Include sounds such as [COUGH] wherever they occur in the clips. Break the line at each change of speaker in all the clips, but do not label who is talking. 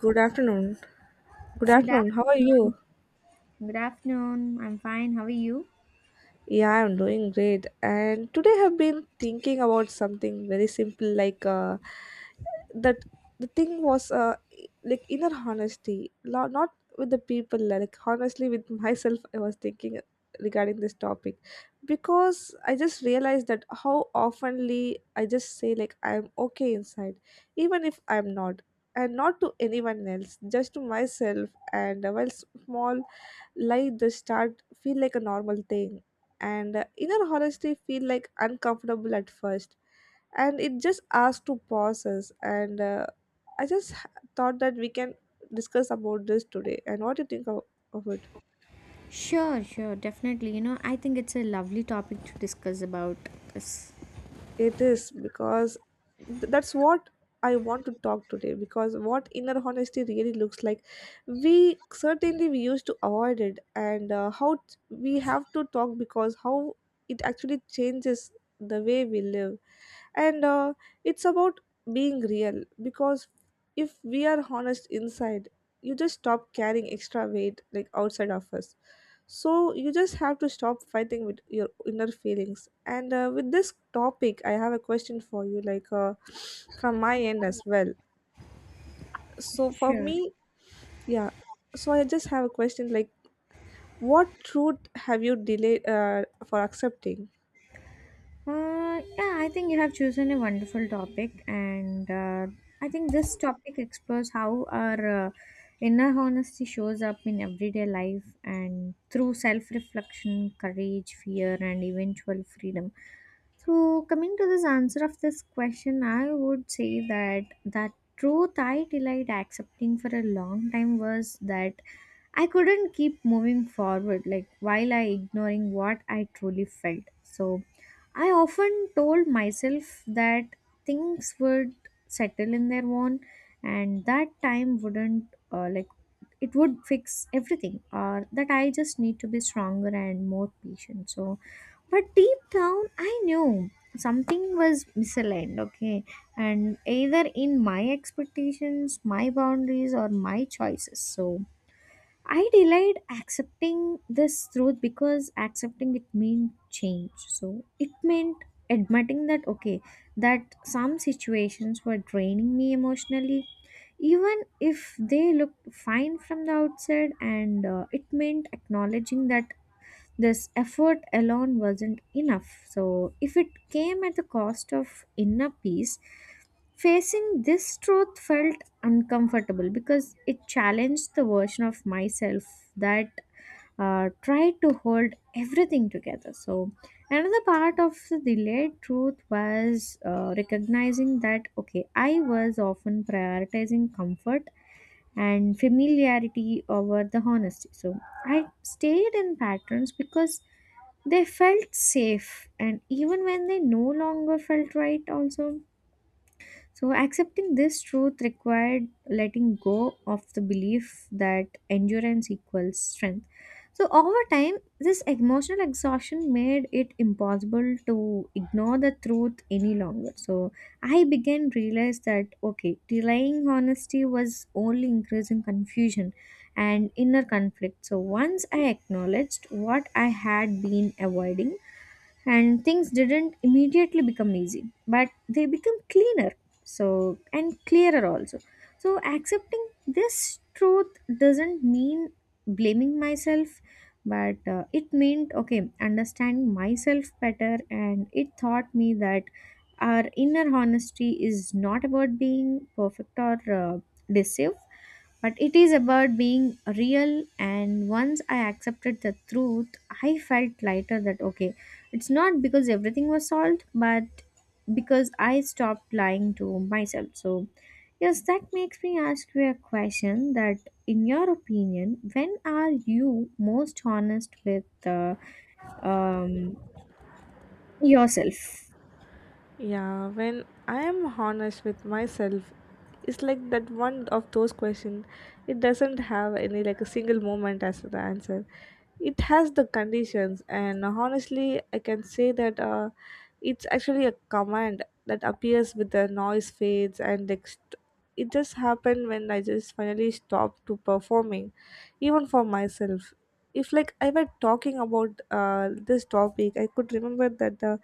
Good afternoon. Good
Good
afternoon. How are you?
afternoon. Good afternoon. I'm fine. How are you?
Yeah, I'm doing great. And today I've been thinking about something very simple like that the thing was like inner honesty, not with the people, like honestly with myself. I was thinking regarding this topic because I just realized that how oftenly I just say like I'm okay inside, even if I'm not. And not to anyone else, just to myself. And while small like the start feel like a normal thing, and inner honesty feel like uncomfortable at first, and it just asks to pause us, and I thought that we can discuss about this today. And what do you think of it?
Sure, sure, definitely. You know, I think it's a lovely topic to discuss about this.
It is because that's what I want to talk today, because what inner honesty really looks like. We certainly we used to avoid it, and how we have to talk, because how it actually changes the way we live. And it's about being real, because if we are honest inside, you just stop carrying extra weight like outside of us. So you just have to stop fighting with your inner feelings. And with this topic I have a question for you like [SNIFFS] from my end as well. So for
Sure.
me, yeah, so I just have a question like, what truth have you delayed for accepting?
Yeah, I think you have chosen a wonderful topic, and I think this topic explores how our inner honesty shows up in everyday life and through self reflection, courage, fear, and eventual freedom. So, coming to this answer of this question, I would say that that truth I delayed accepting for a long time was that I couldn't keep moving forward, like while I ignoring what I truly felt. So, I often told myself that things would settle in their own, and that time wouldn't uh, like it would fix everything, or that I just need to be stronger and more patient. So. But deep down, I knew something was misaligned, okay? And either in my expectations, my boundaries, or my choices. So I delayed accepting this truth because accepting it meant change. So it meant admitting that, okay, that some situations were draining me emotionally. Even if they looked fine from the outside, and it meant acknowledging that this effort alone wasn't enough. So, if it came at the cost of inner peace, facing this truth felt uncomfortable because it challenged the version of myself that tried to hold everything together. So, another part of the delayed truth was recognizing that, okay, I was often prioritizing comfort and familiarity over the honesty. So, I stayed in patterns because they felt safe, and even when they no longer felt right also. So accepting this truth required letting go of the belief that endurance equals strength. So over time, this emotional exhaustion made it impossible to ignore the truth any longer. So I began realize that, okay, delaying honesty was only increasing confusion and inner conflict. So once I acknowledged what I had been avoiding, and things didn't immediately become easy, but they become cleaner. So, and clearer also. So accepting this truth doesn't mean blaming myself, but it meant, okay, understanding myself better, and it taught me that our inner honesty is not about being perfect or deceive, but it is about being real. And once I accepted the truth, I felt lighter that, okay, it's not because everything was solved, but because I stopped lying to myself. So, yes, that makes me ask you a question that, in your opinion, when are you most honest with um, yourself?
Yeah, when I am honest with myself, it's like that, one of those questions. It doesn't have any like a single moment as the answer. It has the conditions, and honestly, I can say that it's actually a command that appears with the noise fades and next. It just happened when I just finally stopped to performing, even for myself. If like I were talking about this topic, I could remember that the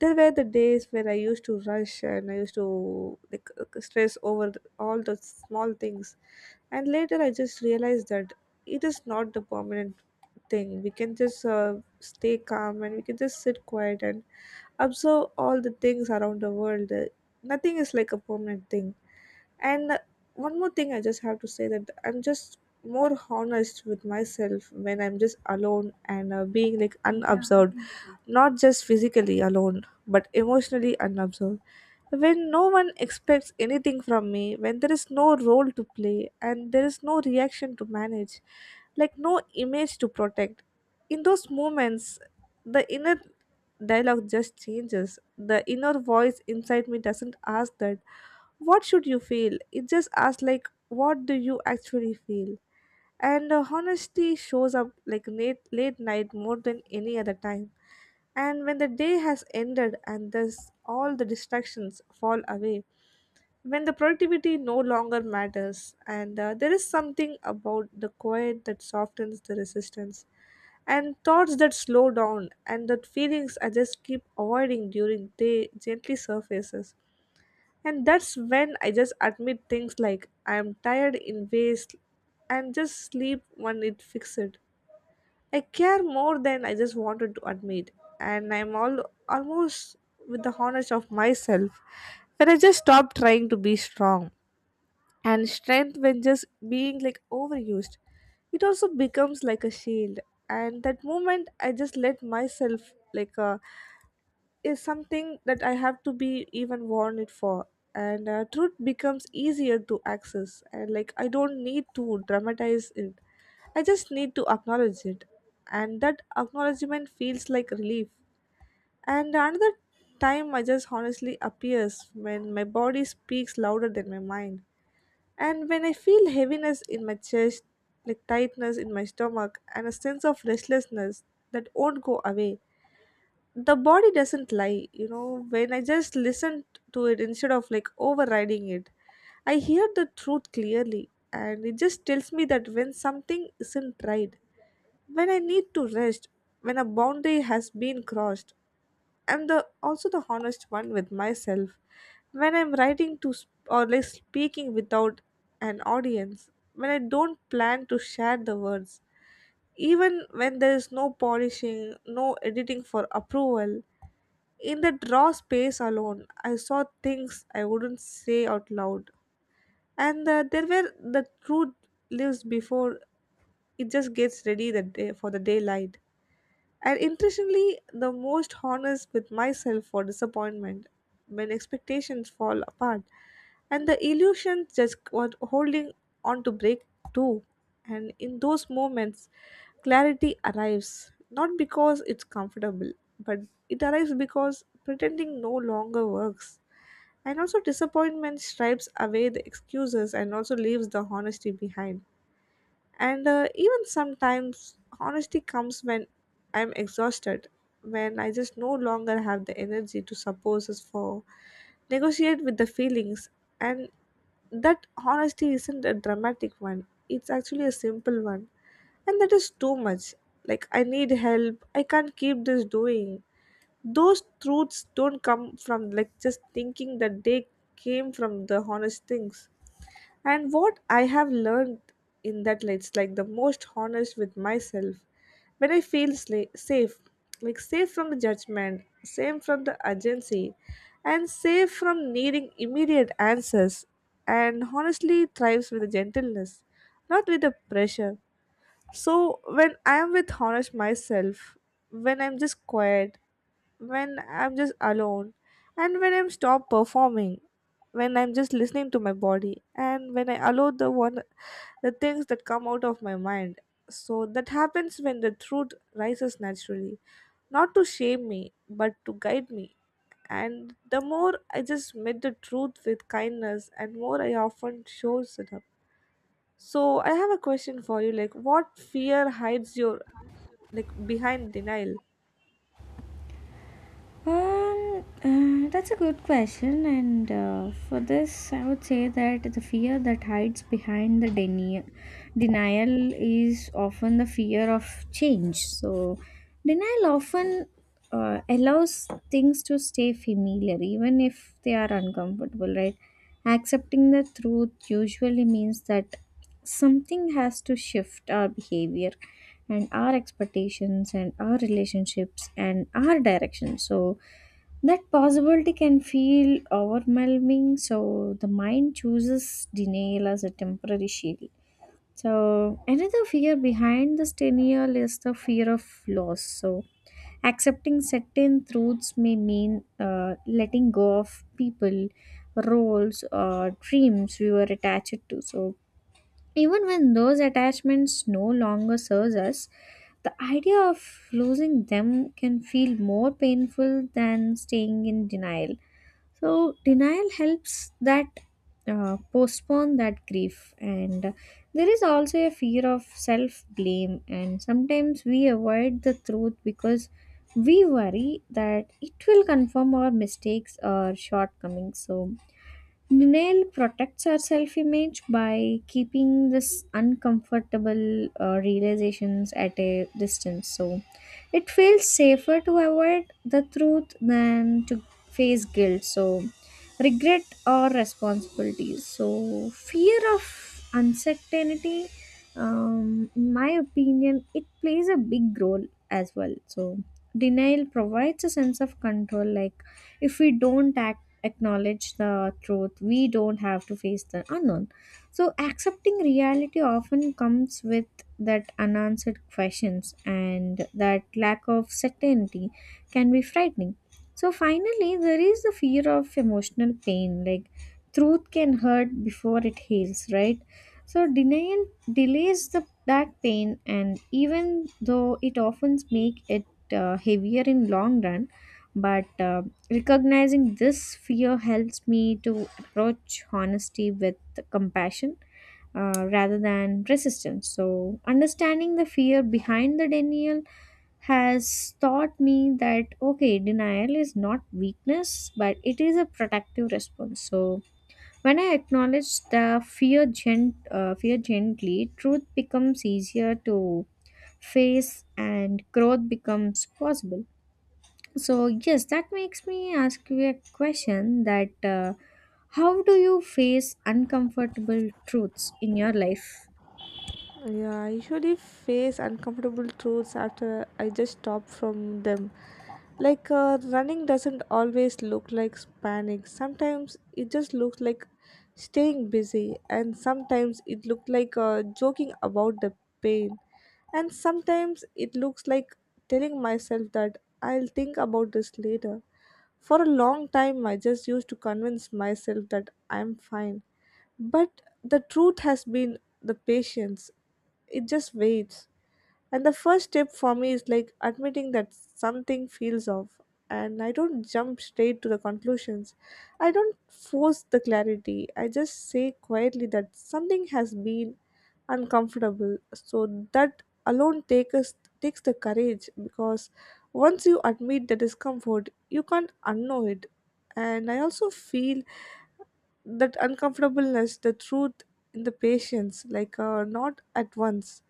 there were the days where I used to rush, and I used to like stress over all the small things. And later I just realized that it is not the permanent thing. We can just stay calm, and we can just sit quiet and observe all the things around the world. Nothing is like a permanent thing. And one more thing I just have to say, that I'm just more honest with myself when I'm just alone and being like unobserved, not just physically alone, but emotionally unobserved. When no one expects anything from me, when there is no role to play and there is no reaction to manage, like no image to protect, in those moments the inner dialogue just changes. The inner voice inside me doesn't ask that, what should you feel? It just asks, like, what do you actually feel? And honesty shows up like late, late night more than any other time, and when the day has ended and thus all the distractions fall away, when the productivity no longer matters, and there is something about the quiet that softens the resistance, and thoughts that slow down, and that feelings I just keep avoiding during day gently surfaces. And that's when I just admit things like I am tired in ways, and just sleep when it fixes it. I care more than I just wanted to admit, and I'm all almost with the honest of myself when I just stopped trying to be strong. And strength, when just being like overused, it also becomes like a shield. And that moment, I just let myself like is something that I have to be even warned for. And truth becomes easier to access. And like, I don't need to dramatize it. I just need to acknowledge it. And that acknowledgement feels like relief. And another time I just honestly appears when my body speaks louder than my mind. And when I feel heaviness in my chest, like tightness in my stomach, and a sense of restlessness that won't go away, the body doesn't lie, you know, when I just listen to it instead of like overriding it, I hear the truth clearly. And it just tells me that when something isn't right, when I need to rest, when a boundary has been crossed, I'm the also the honest one with myself. When I'm writing to or like speaking without an audience, when I don't plan to share the words, even when there is no polishing, no editing for approval, in the draw space alone, I saw things I wouldn't say out loud. And there were the truth lives before it just gets ready for the daylight. And interestingly, the most honest with myself for disappointment when expectations fall apart, and the illusions just was holding on to break too. And in those moments, clarity arrives not because it's comfortable, but it arrives because pretending no longer works. And also, disappointment stripes away the excuses and also leaves the honesty behind. And even sometimes, honesty comes when I'm exhausted, when I just no longer have the energy to suppose for negotiate with the feelings. And that honesty isn't a dramatic one, it's actually a simple one. And that is too much. Like, I need help, I can't keep this doing. Those truths don't come from like just thinking, that they came from the honest things. And what I have learned in that, like, it's like the most honest with myself when I feel safe, like safe from the judgment, safe from the urgency, and safe from needing immediate answers. And honestly thrives with the gentleness, not with the pressure. So when I am with honest myself, when I'm just quiet, when I'm just alone, and when I'm stop performing, when I'm just listening to my body, and when I allow the one the things that come out of my mind. So that happens when the truth rises naturally, not to shame me, but to guide me. And the more I just meet the truth with kindness, and more I often shows it up. So I have a question for you, like, what fear hides your like behind denial?
That's a good question, and for this, I would say that the fear that hides behind the denial is often the fear of change. So, denial often allows things to stay familiar, even if they are uncomfortable, right? Accepting the truth usually means that something has to shift our behavior and our expectations and our relationships and our direction. So that possibility can feel overwhelming, so the mind chooses denial as a temporary shield. So another fear behind this denial is the fear of loss. So accepting certain truths may mean letting go of people, roles, or dreams we were attached to. So even when those attachments no longer serve us, the idea of losing them can feel more painful than staying in denial. So, denial helps that postpone that grief, and there is also a fear of self blame, and sometimes we avoid the truth because we worry that it will confirm our mistakes or shortcomings. So, denial protects our self image by keeping this uncomfortable realizations at a distance. So it feels safer to avoid the truth than to face guilt. So regret or responsibilities. So fear of uncertainty, in my opinion, it plays a big role as well. So denial provides a sense of control, like if we don't act acknowledge the truth, we don't have to face the unknown. So accepting reality often comes with that unanswered questions, and that lack of certainty can be frightening. So finally, there is the fear of emotional pain, like truth can hurt before it heals, right? So denial delays the that pain, and even though it often make it heavier in long run, but recognizing this fear helps me to approach honesty with compassion rather than resistance. So, understanding the fear behind the denial has taught me that, okay, denial is not weakness, but it is a protective response. So, when I acknowledge the fear, fear gently, truth becomes easier to face and growth becomes possible. So, yes, that makes me ask you a question that how do you face uncomfortable truths in your life?
Yeah, I usually face uncomfortable truths after I just stop from them. Like running doesn't always look like panic. Sometimes it just looks like staying busy, and sometimes it looks like joking about the pain, and sometimes it looks like telling myself that I'll think about this later. For a long time, I just used to convince myself that I'm fine. But the truth has been the patience, it just waits. And the first step for me is like admitting that something feels off. And I don't jump straight to the conclusions. I don't force the clarity. I just say quietly that something has been uncomfortable. So that alone take us, takes the courage, because once you admit the discomfort, you can't unknow it. And I also feel that uncomfortableness, the truth in the patience, like not at once.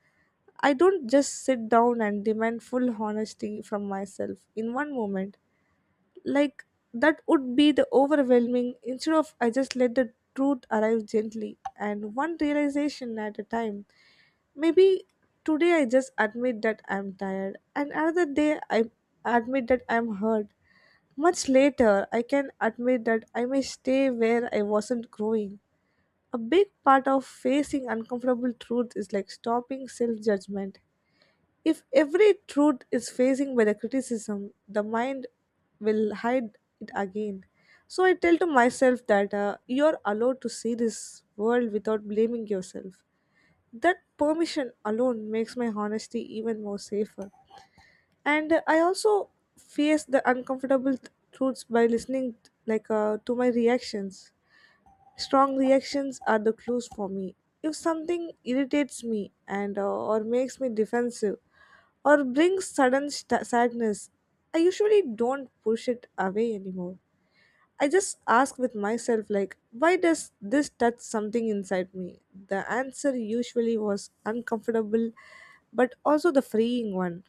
I don't just sit down and demand full honesty from myself in one moment. Like, that would be the overwhelming, instead of I just let the truth arrive gently and one realization at a time. Maybe today I just admit that I'm tired, and another day I admit that I'm hurt. Much later, I can admit that I may stay where I wasn't growing. A big part of facing uncomfortable truth is like stopping self judgment. If every truth is facing by the criticism, the mind will hide it again. So I tell to myself that you're allowed to see this world without blaming yourself. That permission alone makes my honesty even more safer. And I also face the uncomfortable truths by listening like to my reactions. Strong reactions are the clues for me. If something irritates me, and or makes me defensive, or brings sudden sadness, I usually don't push it away anymore. I just ask with myself, like, why does this touch something inside me? The answer usually was uncomfortable, but also the freeing one.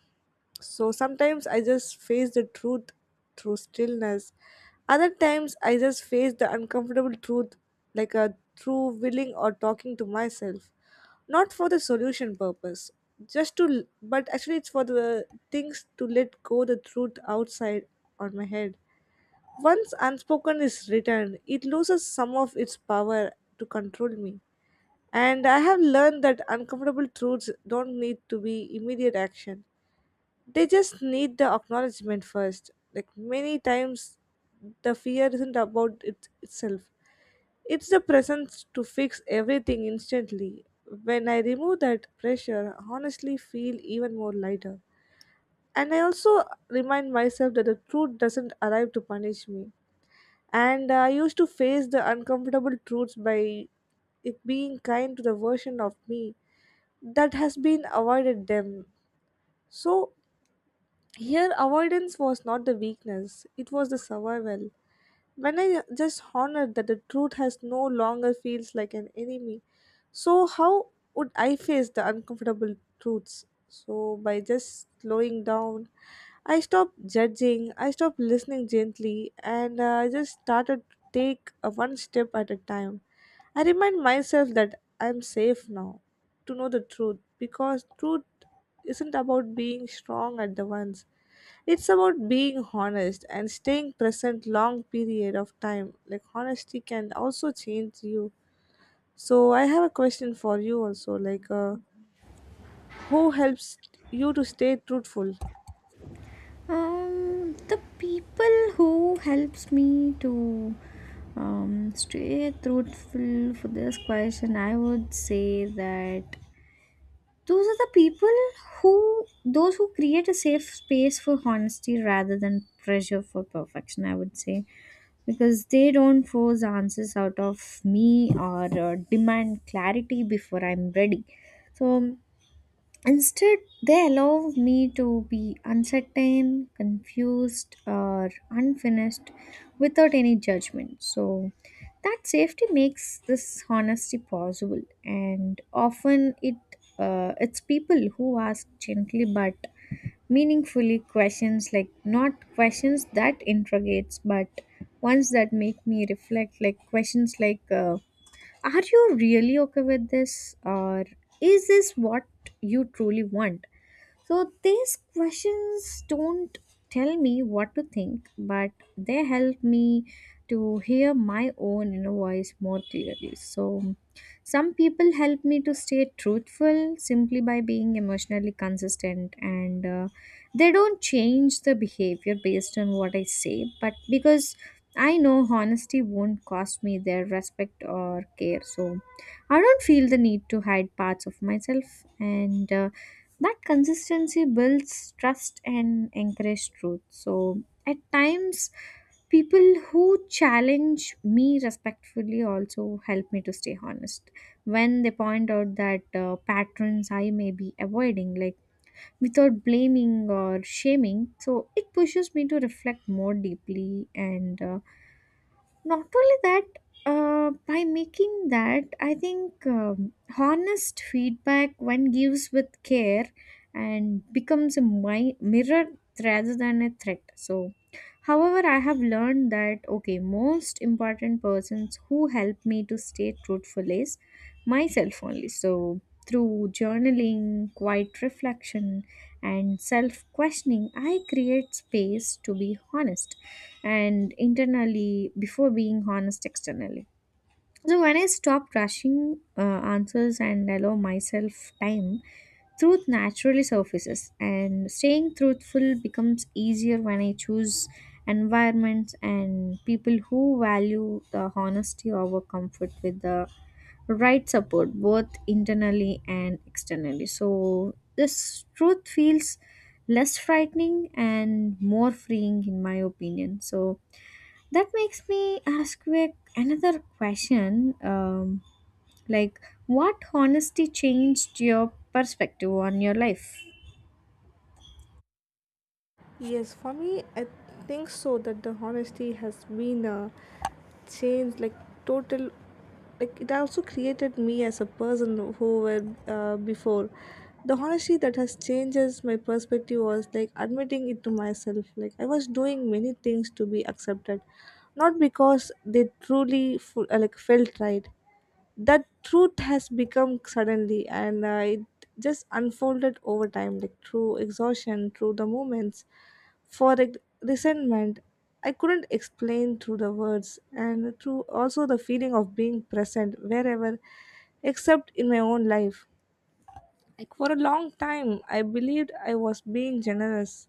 So sometimes I just face the truth through stillness. Other times I just face the uncomfortable truth like a through willing or talking to myself. Not for the solution purpose. Just to, but actually it's for the things to let go the truth outside on my head. Once unspoken is written, it loses some of its power to control me. And I have learned that uncomfortable truths don't need to be immediate action, they just need the acknowledgement first. Like many times the fear isn't about it itself, it's the presence to fix everything instantly. When I remove that pressure, I honestly feel even more lighter. And I also remind myself that the truth doesn't arrive to punish me. And I used to face the uncomfortable truths by it being kind to the version of me that has been avoided them. So here, avoidance was not the weakness, it was the survival. When I just honored that the truth has no longer feels like an enemy, so how would I face the uncomfortable truths? So, by just slowing down, I stopped judging, I stopped listening gently, and I just started to take one step at a time. I remind myself that I'm safe now to know the truth because truth isn't about being strong at the once. It's about being honest and staying present long period of time. Like honesty can also change you. So I have a question for you also. Like, who helps you to stay truthful?
The people who helps me to stay truthful, for this question, I would say that those are the people who those who create a safe space for honesty rather than pressure for perfection. I would say because they don't force answers out of me or demand clarity before I'm ready. So instead, they allow me to be uncertain, confused, or unfinished without any judgment. So that safety makes this honesty possible, and often it it's people who ask gently but meaningfully questions, like not questions that interrogates but ones that make me reflect, like questions like are you really okay with this, or is this what you truly want? So these questions don't tell me what to think, but they help me to hear my own inner voice more clearly. So some people help me to stay truthful simply by being emotionally consistent, and they don't change the behavior based on what I say, but because I know honesty won't cost me their respect or care. So I don't feel the need to hide parts of myself, and that consistency builds trust and encourages truth. So at times, people who challenge me respectfully also help me to stay honest when they point out that patterns I may be avoiding, like without blaming or shaming. So it pushes me to reflect more deeply, and not only that, by making that, I think, honest feedback one gives with care and becomes a mirror rather than a threat. So, however, I have learned that, okay, most important persons who help me to stay truthful is myself only. So, through journaling, quiet reflection, and self questioning, I create space to be honest and internally before being honest externally. So when I stop rushing answers and allow myself time, truth naturally surfaces, and staying truthful becomes easier when I choose environments and people who value the honesty over comfort. With the right support, both internally and externally, so this truth feels less frightening and more freeing in my opinion. So that makes me ask you another question. Like, what honesty changed your perspective on your life?
Yes, for me, I think so that the honesty has been a change, like total. Like it also created me as a person who were before. The honesty that has changes my perspective was like admitting it to myself. Like I was doing many things to be accepted, not because they like felt right, that truth has become suddenly and it just unfolded over time, like through exhaustion, through the moments for resentment I couldn't explain through the words and through also the feeling of being present wherever except in my own life. Like for a long time I believed I was being generous,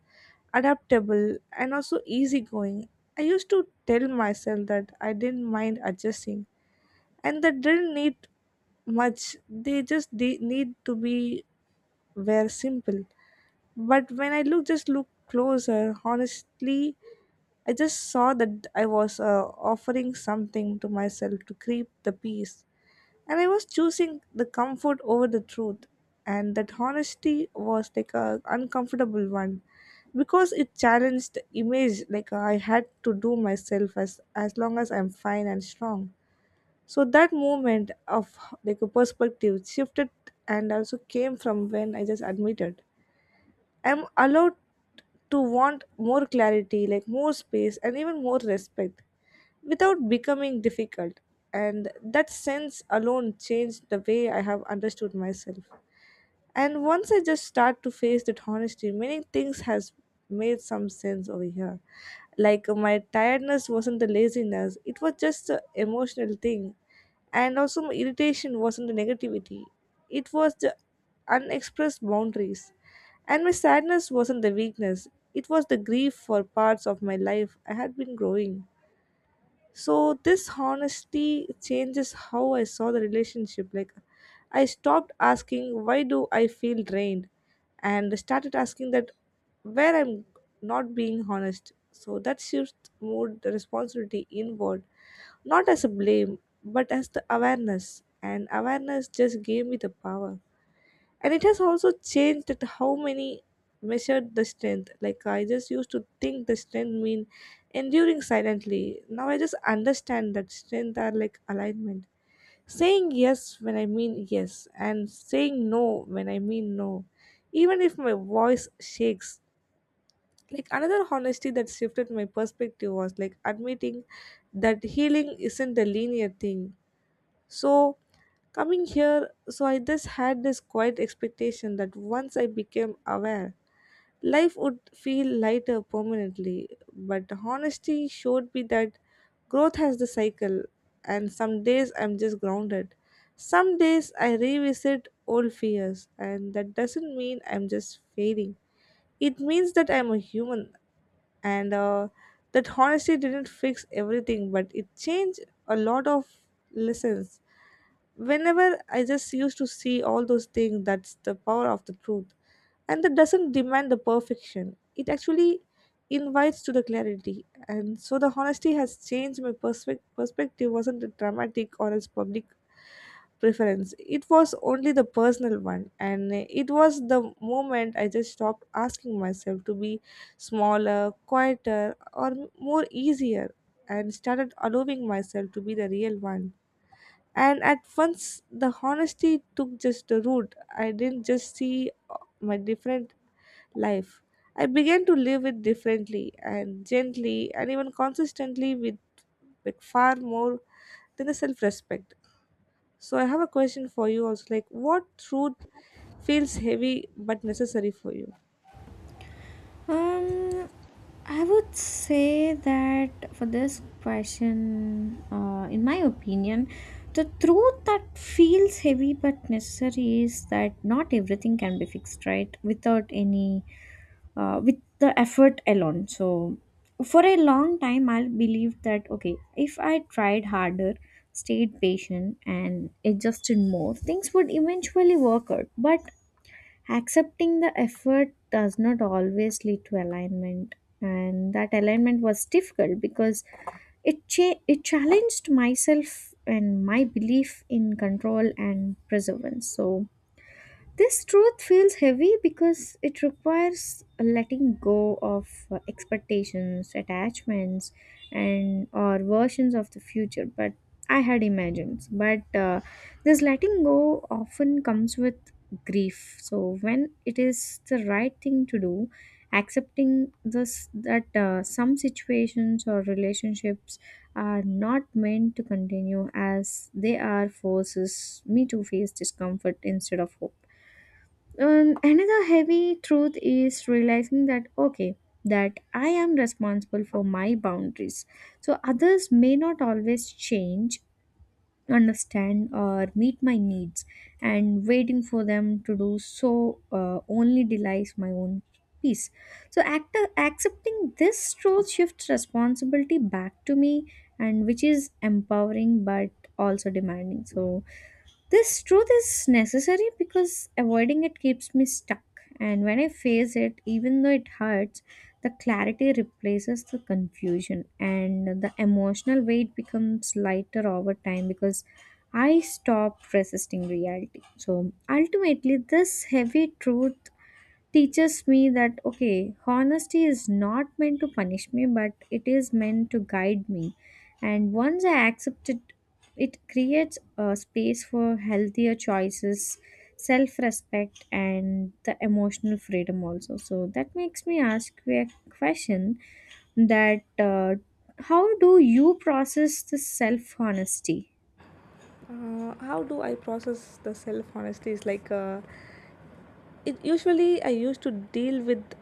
adaptable, and also easygoing. I used to tell myself that I didn't mind adjusting and they didn't need much, they just need to be very simple. But when I look just look closer honestly, I just saw that I was offering something to myself to keep the peace, and I was choosing the comfort over the truth. And that honesty was like a uncomfortable one because it challenged the image, like I had to do myself as long as I'm fine and strong. So that movement of like a perspective shifted and also came from when I just admitted I'm allowed to want more clarity, like more space and even more respect, without becoming difficult. And that sense alone changed the way I have understood myself. And once I just start to face that honesty, many things has made some sense over here. Like my tiredness wasn't the laziness; it was just an emotional thing, and also my irritation wasn't the negativity; it was the unexpressed boundaries. And my sadness wasn't the weakness; it was the grief for parts of my life I had been growing. So this honesty changes how I saw the relationship. Like I stopped asking why do I feel drained and started asking that where I'm not being honest. So that shifts moved the responsibility inward, not as a blame but as the awareness, and awareness just gave me the power. And it has also changed at how many measured the strength. Like I just used to think the strength mean enduring silently. Now I just understand that strength are like alignment, saying yes when I mean yes and saying no when I mean no, even if my voice shakes. Like another honesty that shifted my perspective was like admitting that healing isn't a linear thing. So coming here, so I just had this quiet expectation that once I became aware, life would feel lighter permanently. But honesty showed me that growth has the cycle, and some days I'm just grounded. Some days I revisit old fears, and that doesn't mean I'm just failing. It means that I'm a human. And that honesty didn't fix everything, but it changed a lot of lessons whenever I just used to see all those things. That's the power of the truth, and that doesn't demand the perfection. It actually invites to the clarity. And so the honesty has changed my perspective wasn't a dramatic or as public preference, it was only the personal one. And it was the moment I just stopped asking myself to be smaller, quieter, or more easier, and started allowing myself to be the real one. And at once the honesty took just the root, I didn't just see my different life. I began to live it differently and gently and even consistently, with like far more than a self respect. So I have a question for you also, like what truth feels heavy but necessary for you?
Um, I would say that for this question, in my opinion, the truth that feels heavy but necessary is that not everything can be fixed, right? Without any with the effort alone. So, for a long time, I believed that, okay, if I tried harder, stayed patient, and adjusted more, things would eventually work out. But accepting the effort does not always lead to alignment, and that alignment was difficult because it it challenged myself and my belief in control and perseverance. So this truth feels heavy because it requires letting go of expectations, attachments, and or versions of the future. But I had imagined. But this letting go often comes with grief. So when it is the right thing to do, accepting this that some situations or relationships are not meant to continue as they are forces me to face discomfort instead of hope. And another heavy truth is realizing that, okay, that I am responsible for my boundaries. So others may not always change, understand, or meet my needs, and waiting for them to do so only delays my own peace. So accepting this truth shifts responsibility back to me, and which is empowering but also demanding. So this truth is necessary because avoiding it keeps me stuck. And when I face it, even though it hurts, the clarity replaces the confusion and the emotional weight becomes lighter over time because I stop resisting reality. So ultimately, this heavy truth teaches me that, okay, honesty is not meant to punish me, but it is meant to guide me. And once I accept it, it creates a space for healthier choices, self-respect, and the emotional freedom also. So that makes me ask you a question that how do you process the self-honesty?
How do I process the self honesty is like it usually I used to deal with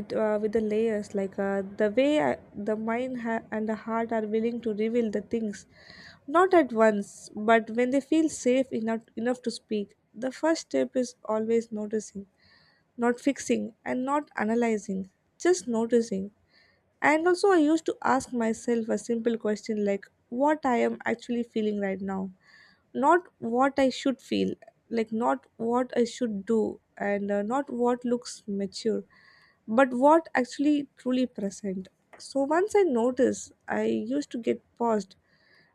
it with the layers, like the way the and the heart are willing to reveal the things not at once, but when they feel safe enough to speak. The first step is always noticing, not fixing and not analyzing, just noticing. And also, I used to ask myself a simple question, like what I am actually feeling right now, not what I should feel, like not what I should do, and not what looks mature, but what actually truly present. So, once I notice, I used to get paused,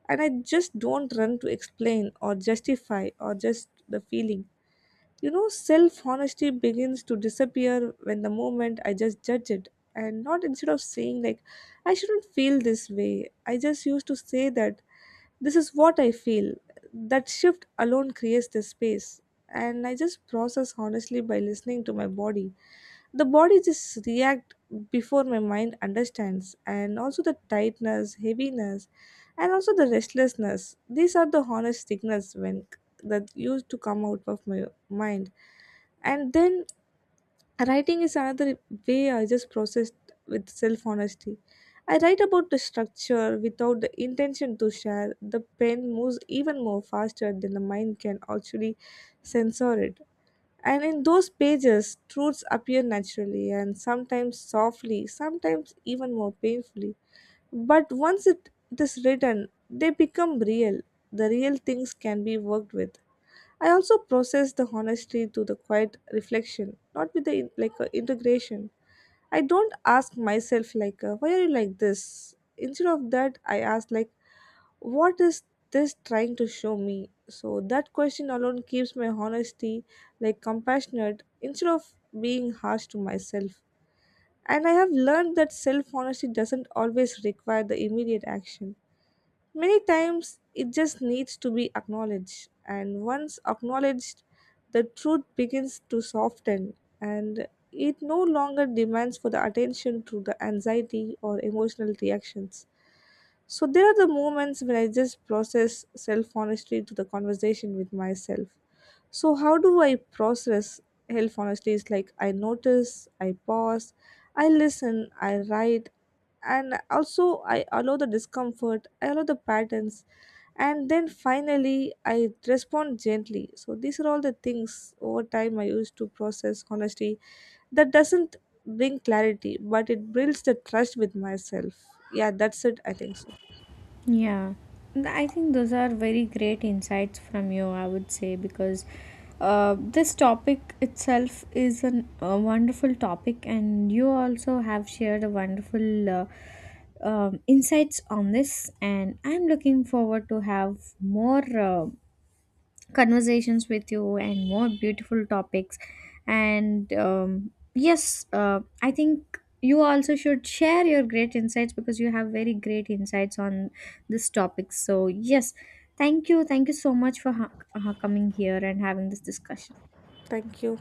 and I just don't run to explain or justify or just the feeling. You know, self honesty begins to disappear when the moment I just judge it. And not instead of saying, like, I shouldn't feel this way. I just used to say that this is what I feel. That shift alone creates the space. And I just process honestly by listening to my body. The body just react before my mind understands. And also the tightness, heaviness, and also the restlessness. These are the honest signals when that used to come out of my mind. And then writing is another way I just processed with self honesty. I write about the structure without the intention to share. The pen moves even more faster than the mind can actually censor it. And in those pages, truths appear naturally and sometimes softly, sometimes even more painfully. But once it is written, they become real. The real things can be worked with. I also process the honesty through the quiet reflection, not with the integration. I don't ask myself like why are you like this. Instead of that, I ask like what is this trying to show me. So that question alone keeps my honesty like compassionate instead of being harsh to myself. And I have learned that self honesty doesn't always require the immediate action. Many times it just needs to be acknowledged, and once acknowledged, the truth begins to soften and it no longer demands for the attention through the anxiety or emotional reactions. So there are the moments when I just process self honesty to the conversation with myself. So how do I process self honesty? Is like I notice, I pause, I listen, I write, and also I allow the discomfort, I allow the patterns, and then finally I respond gently. So these are all the things over time I used to process honesty that doesn't bring clarity, but it builds the trust with myself. Yeah, that's it. I think so.
Yeah, I think those are very great insights from you, I would say, because this topic itself is a wonderful topic, and you also have shared a wonderful insights on this, and I'm looking forward to have more. Conversations with you and more beautiful topics, and yes, I think you also should share your great insights because you have very great insights on this topic. So yes, thank you, thank you so much for coming here and having this discussion.
Thank you.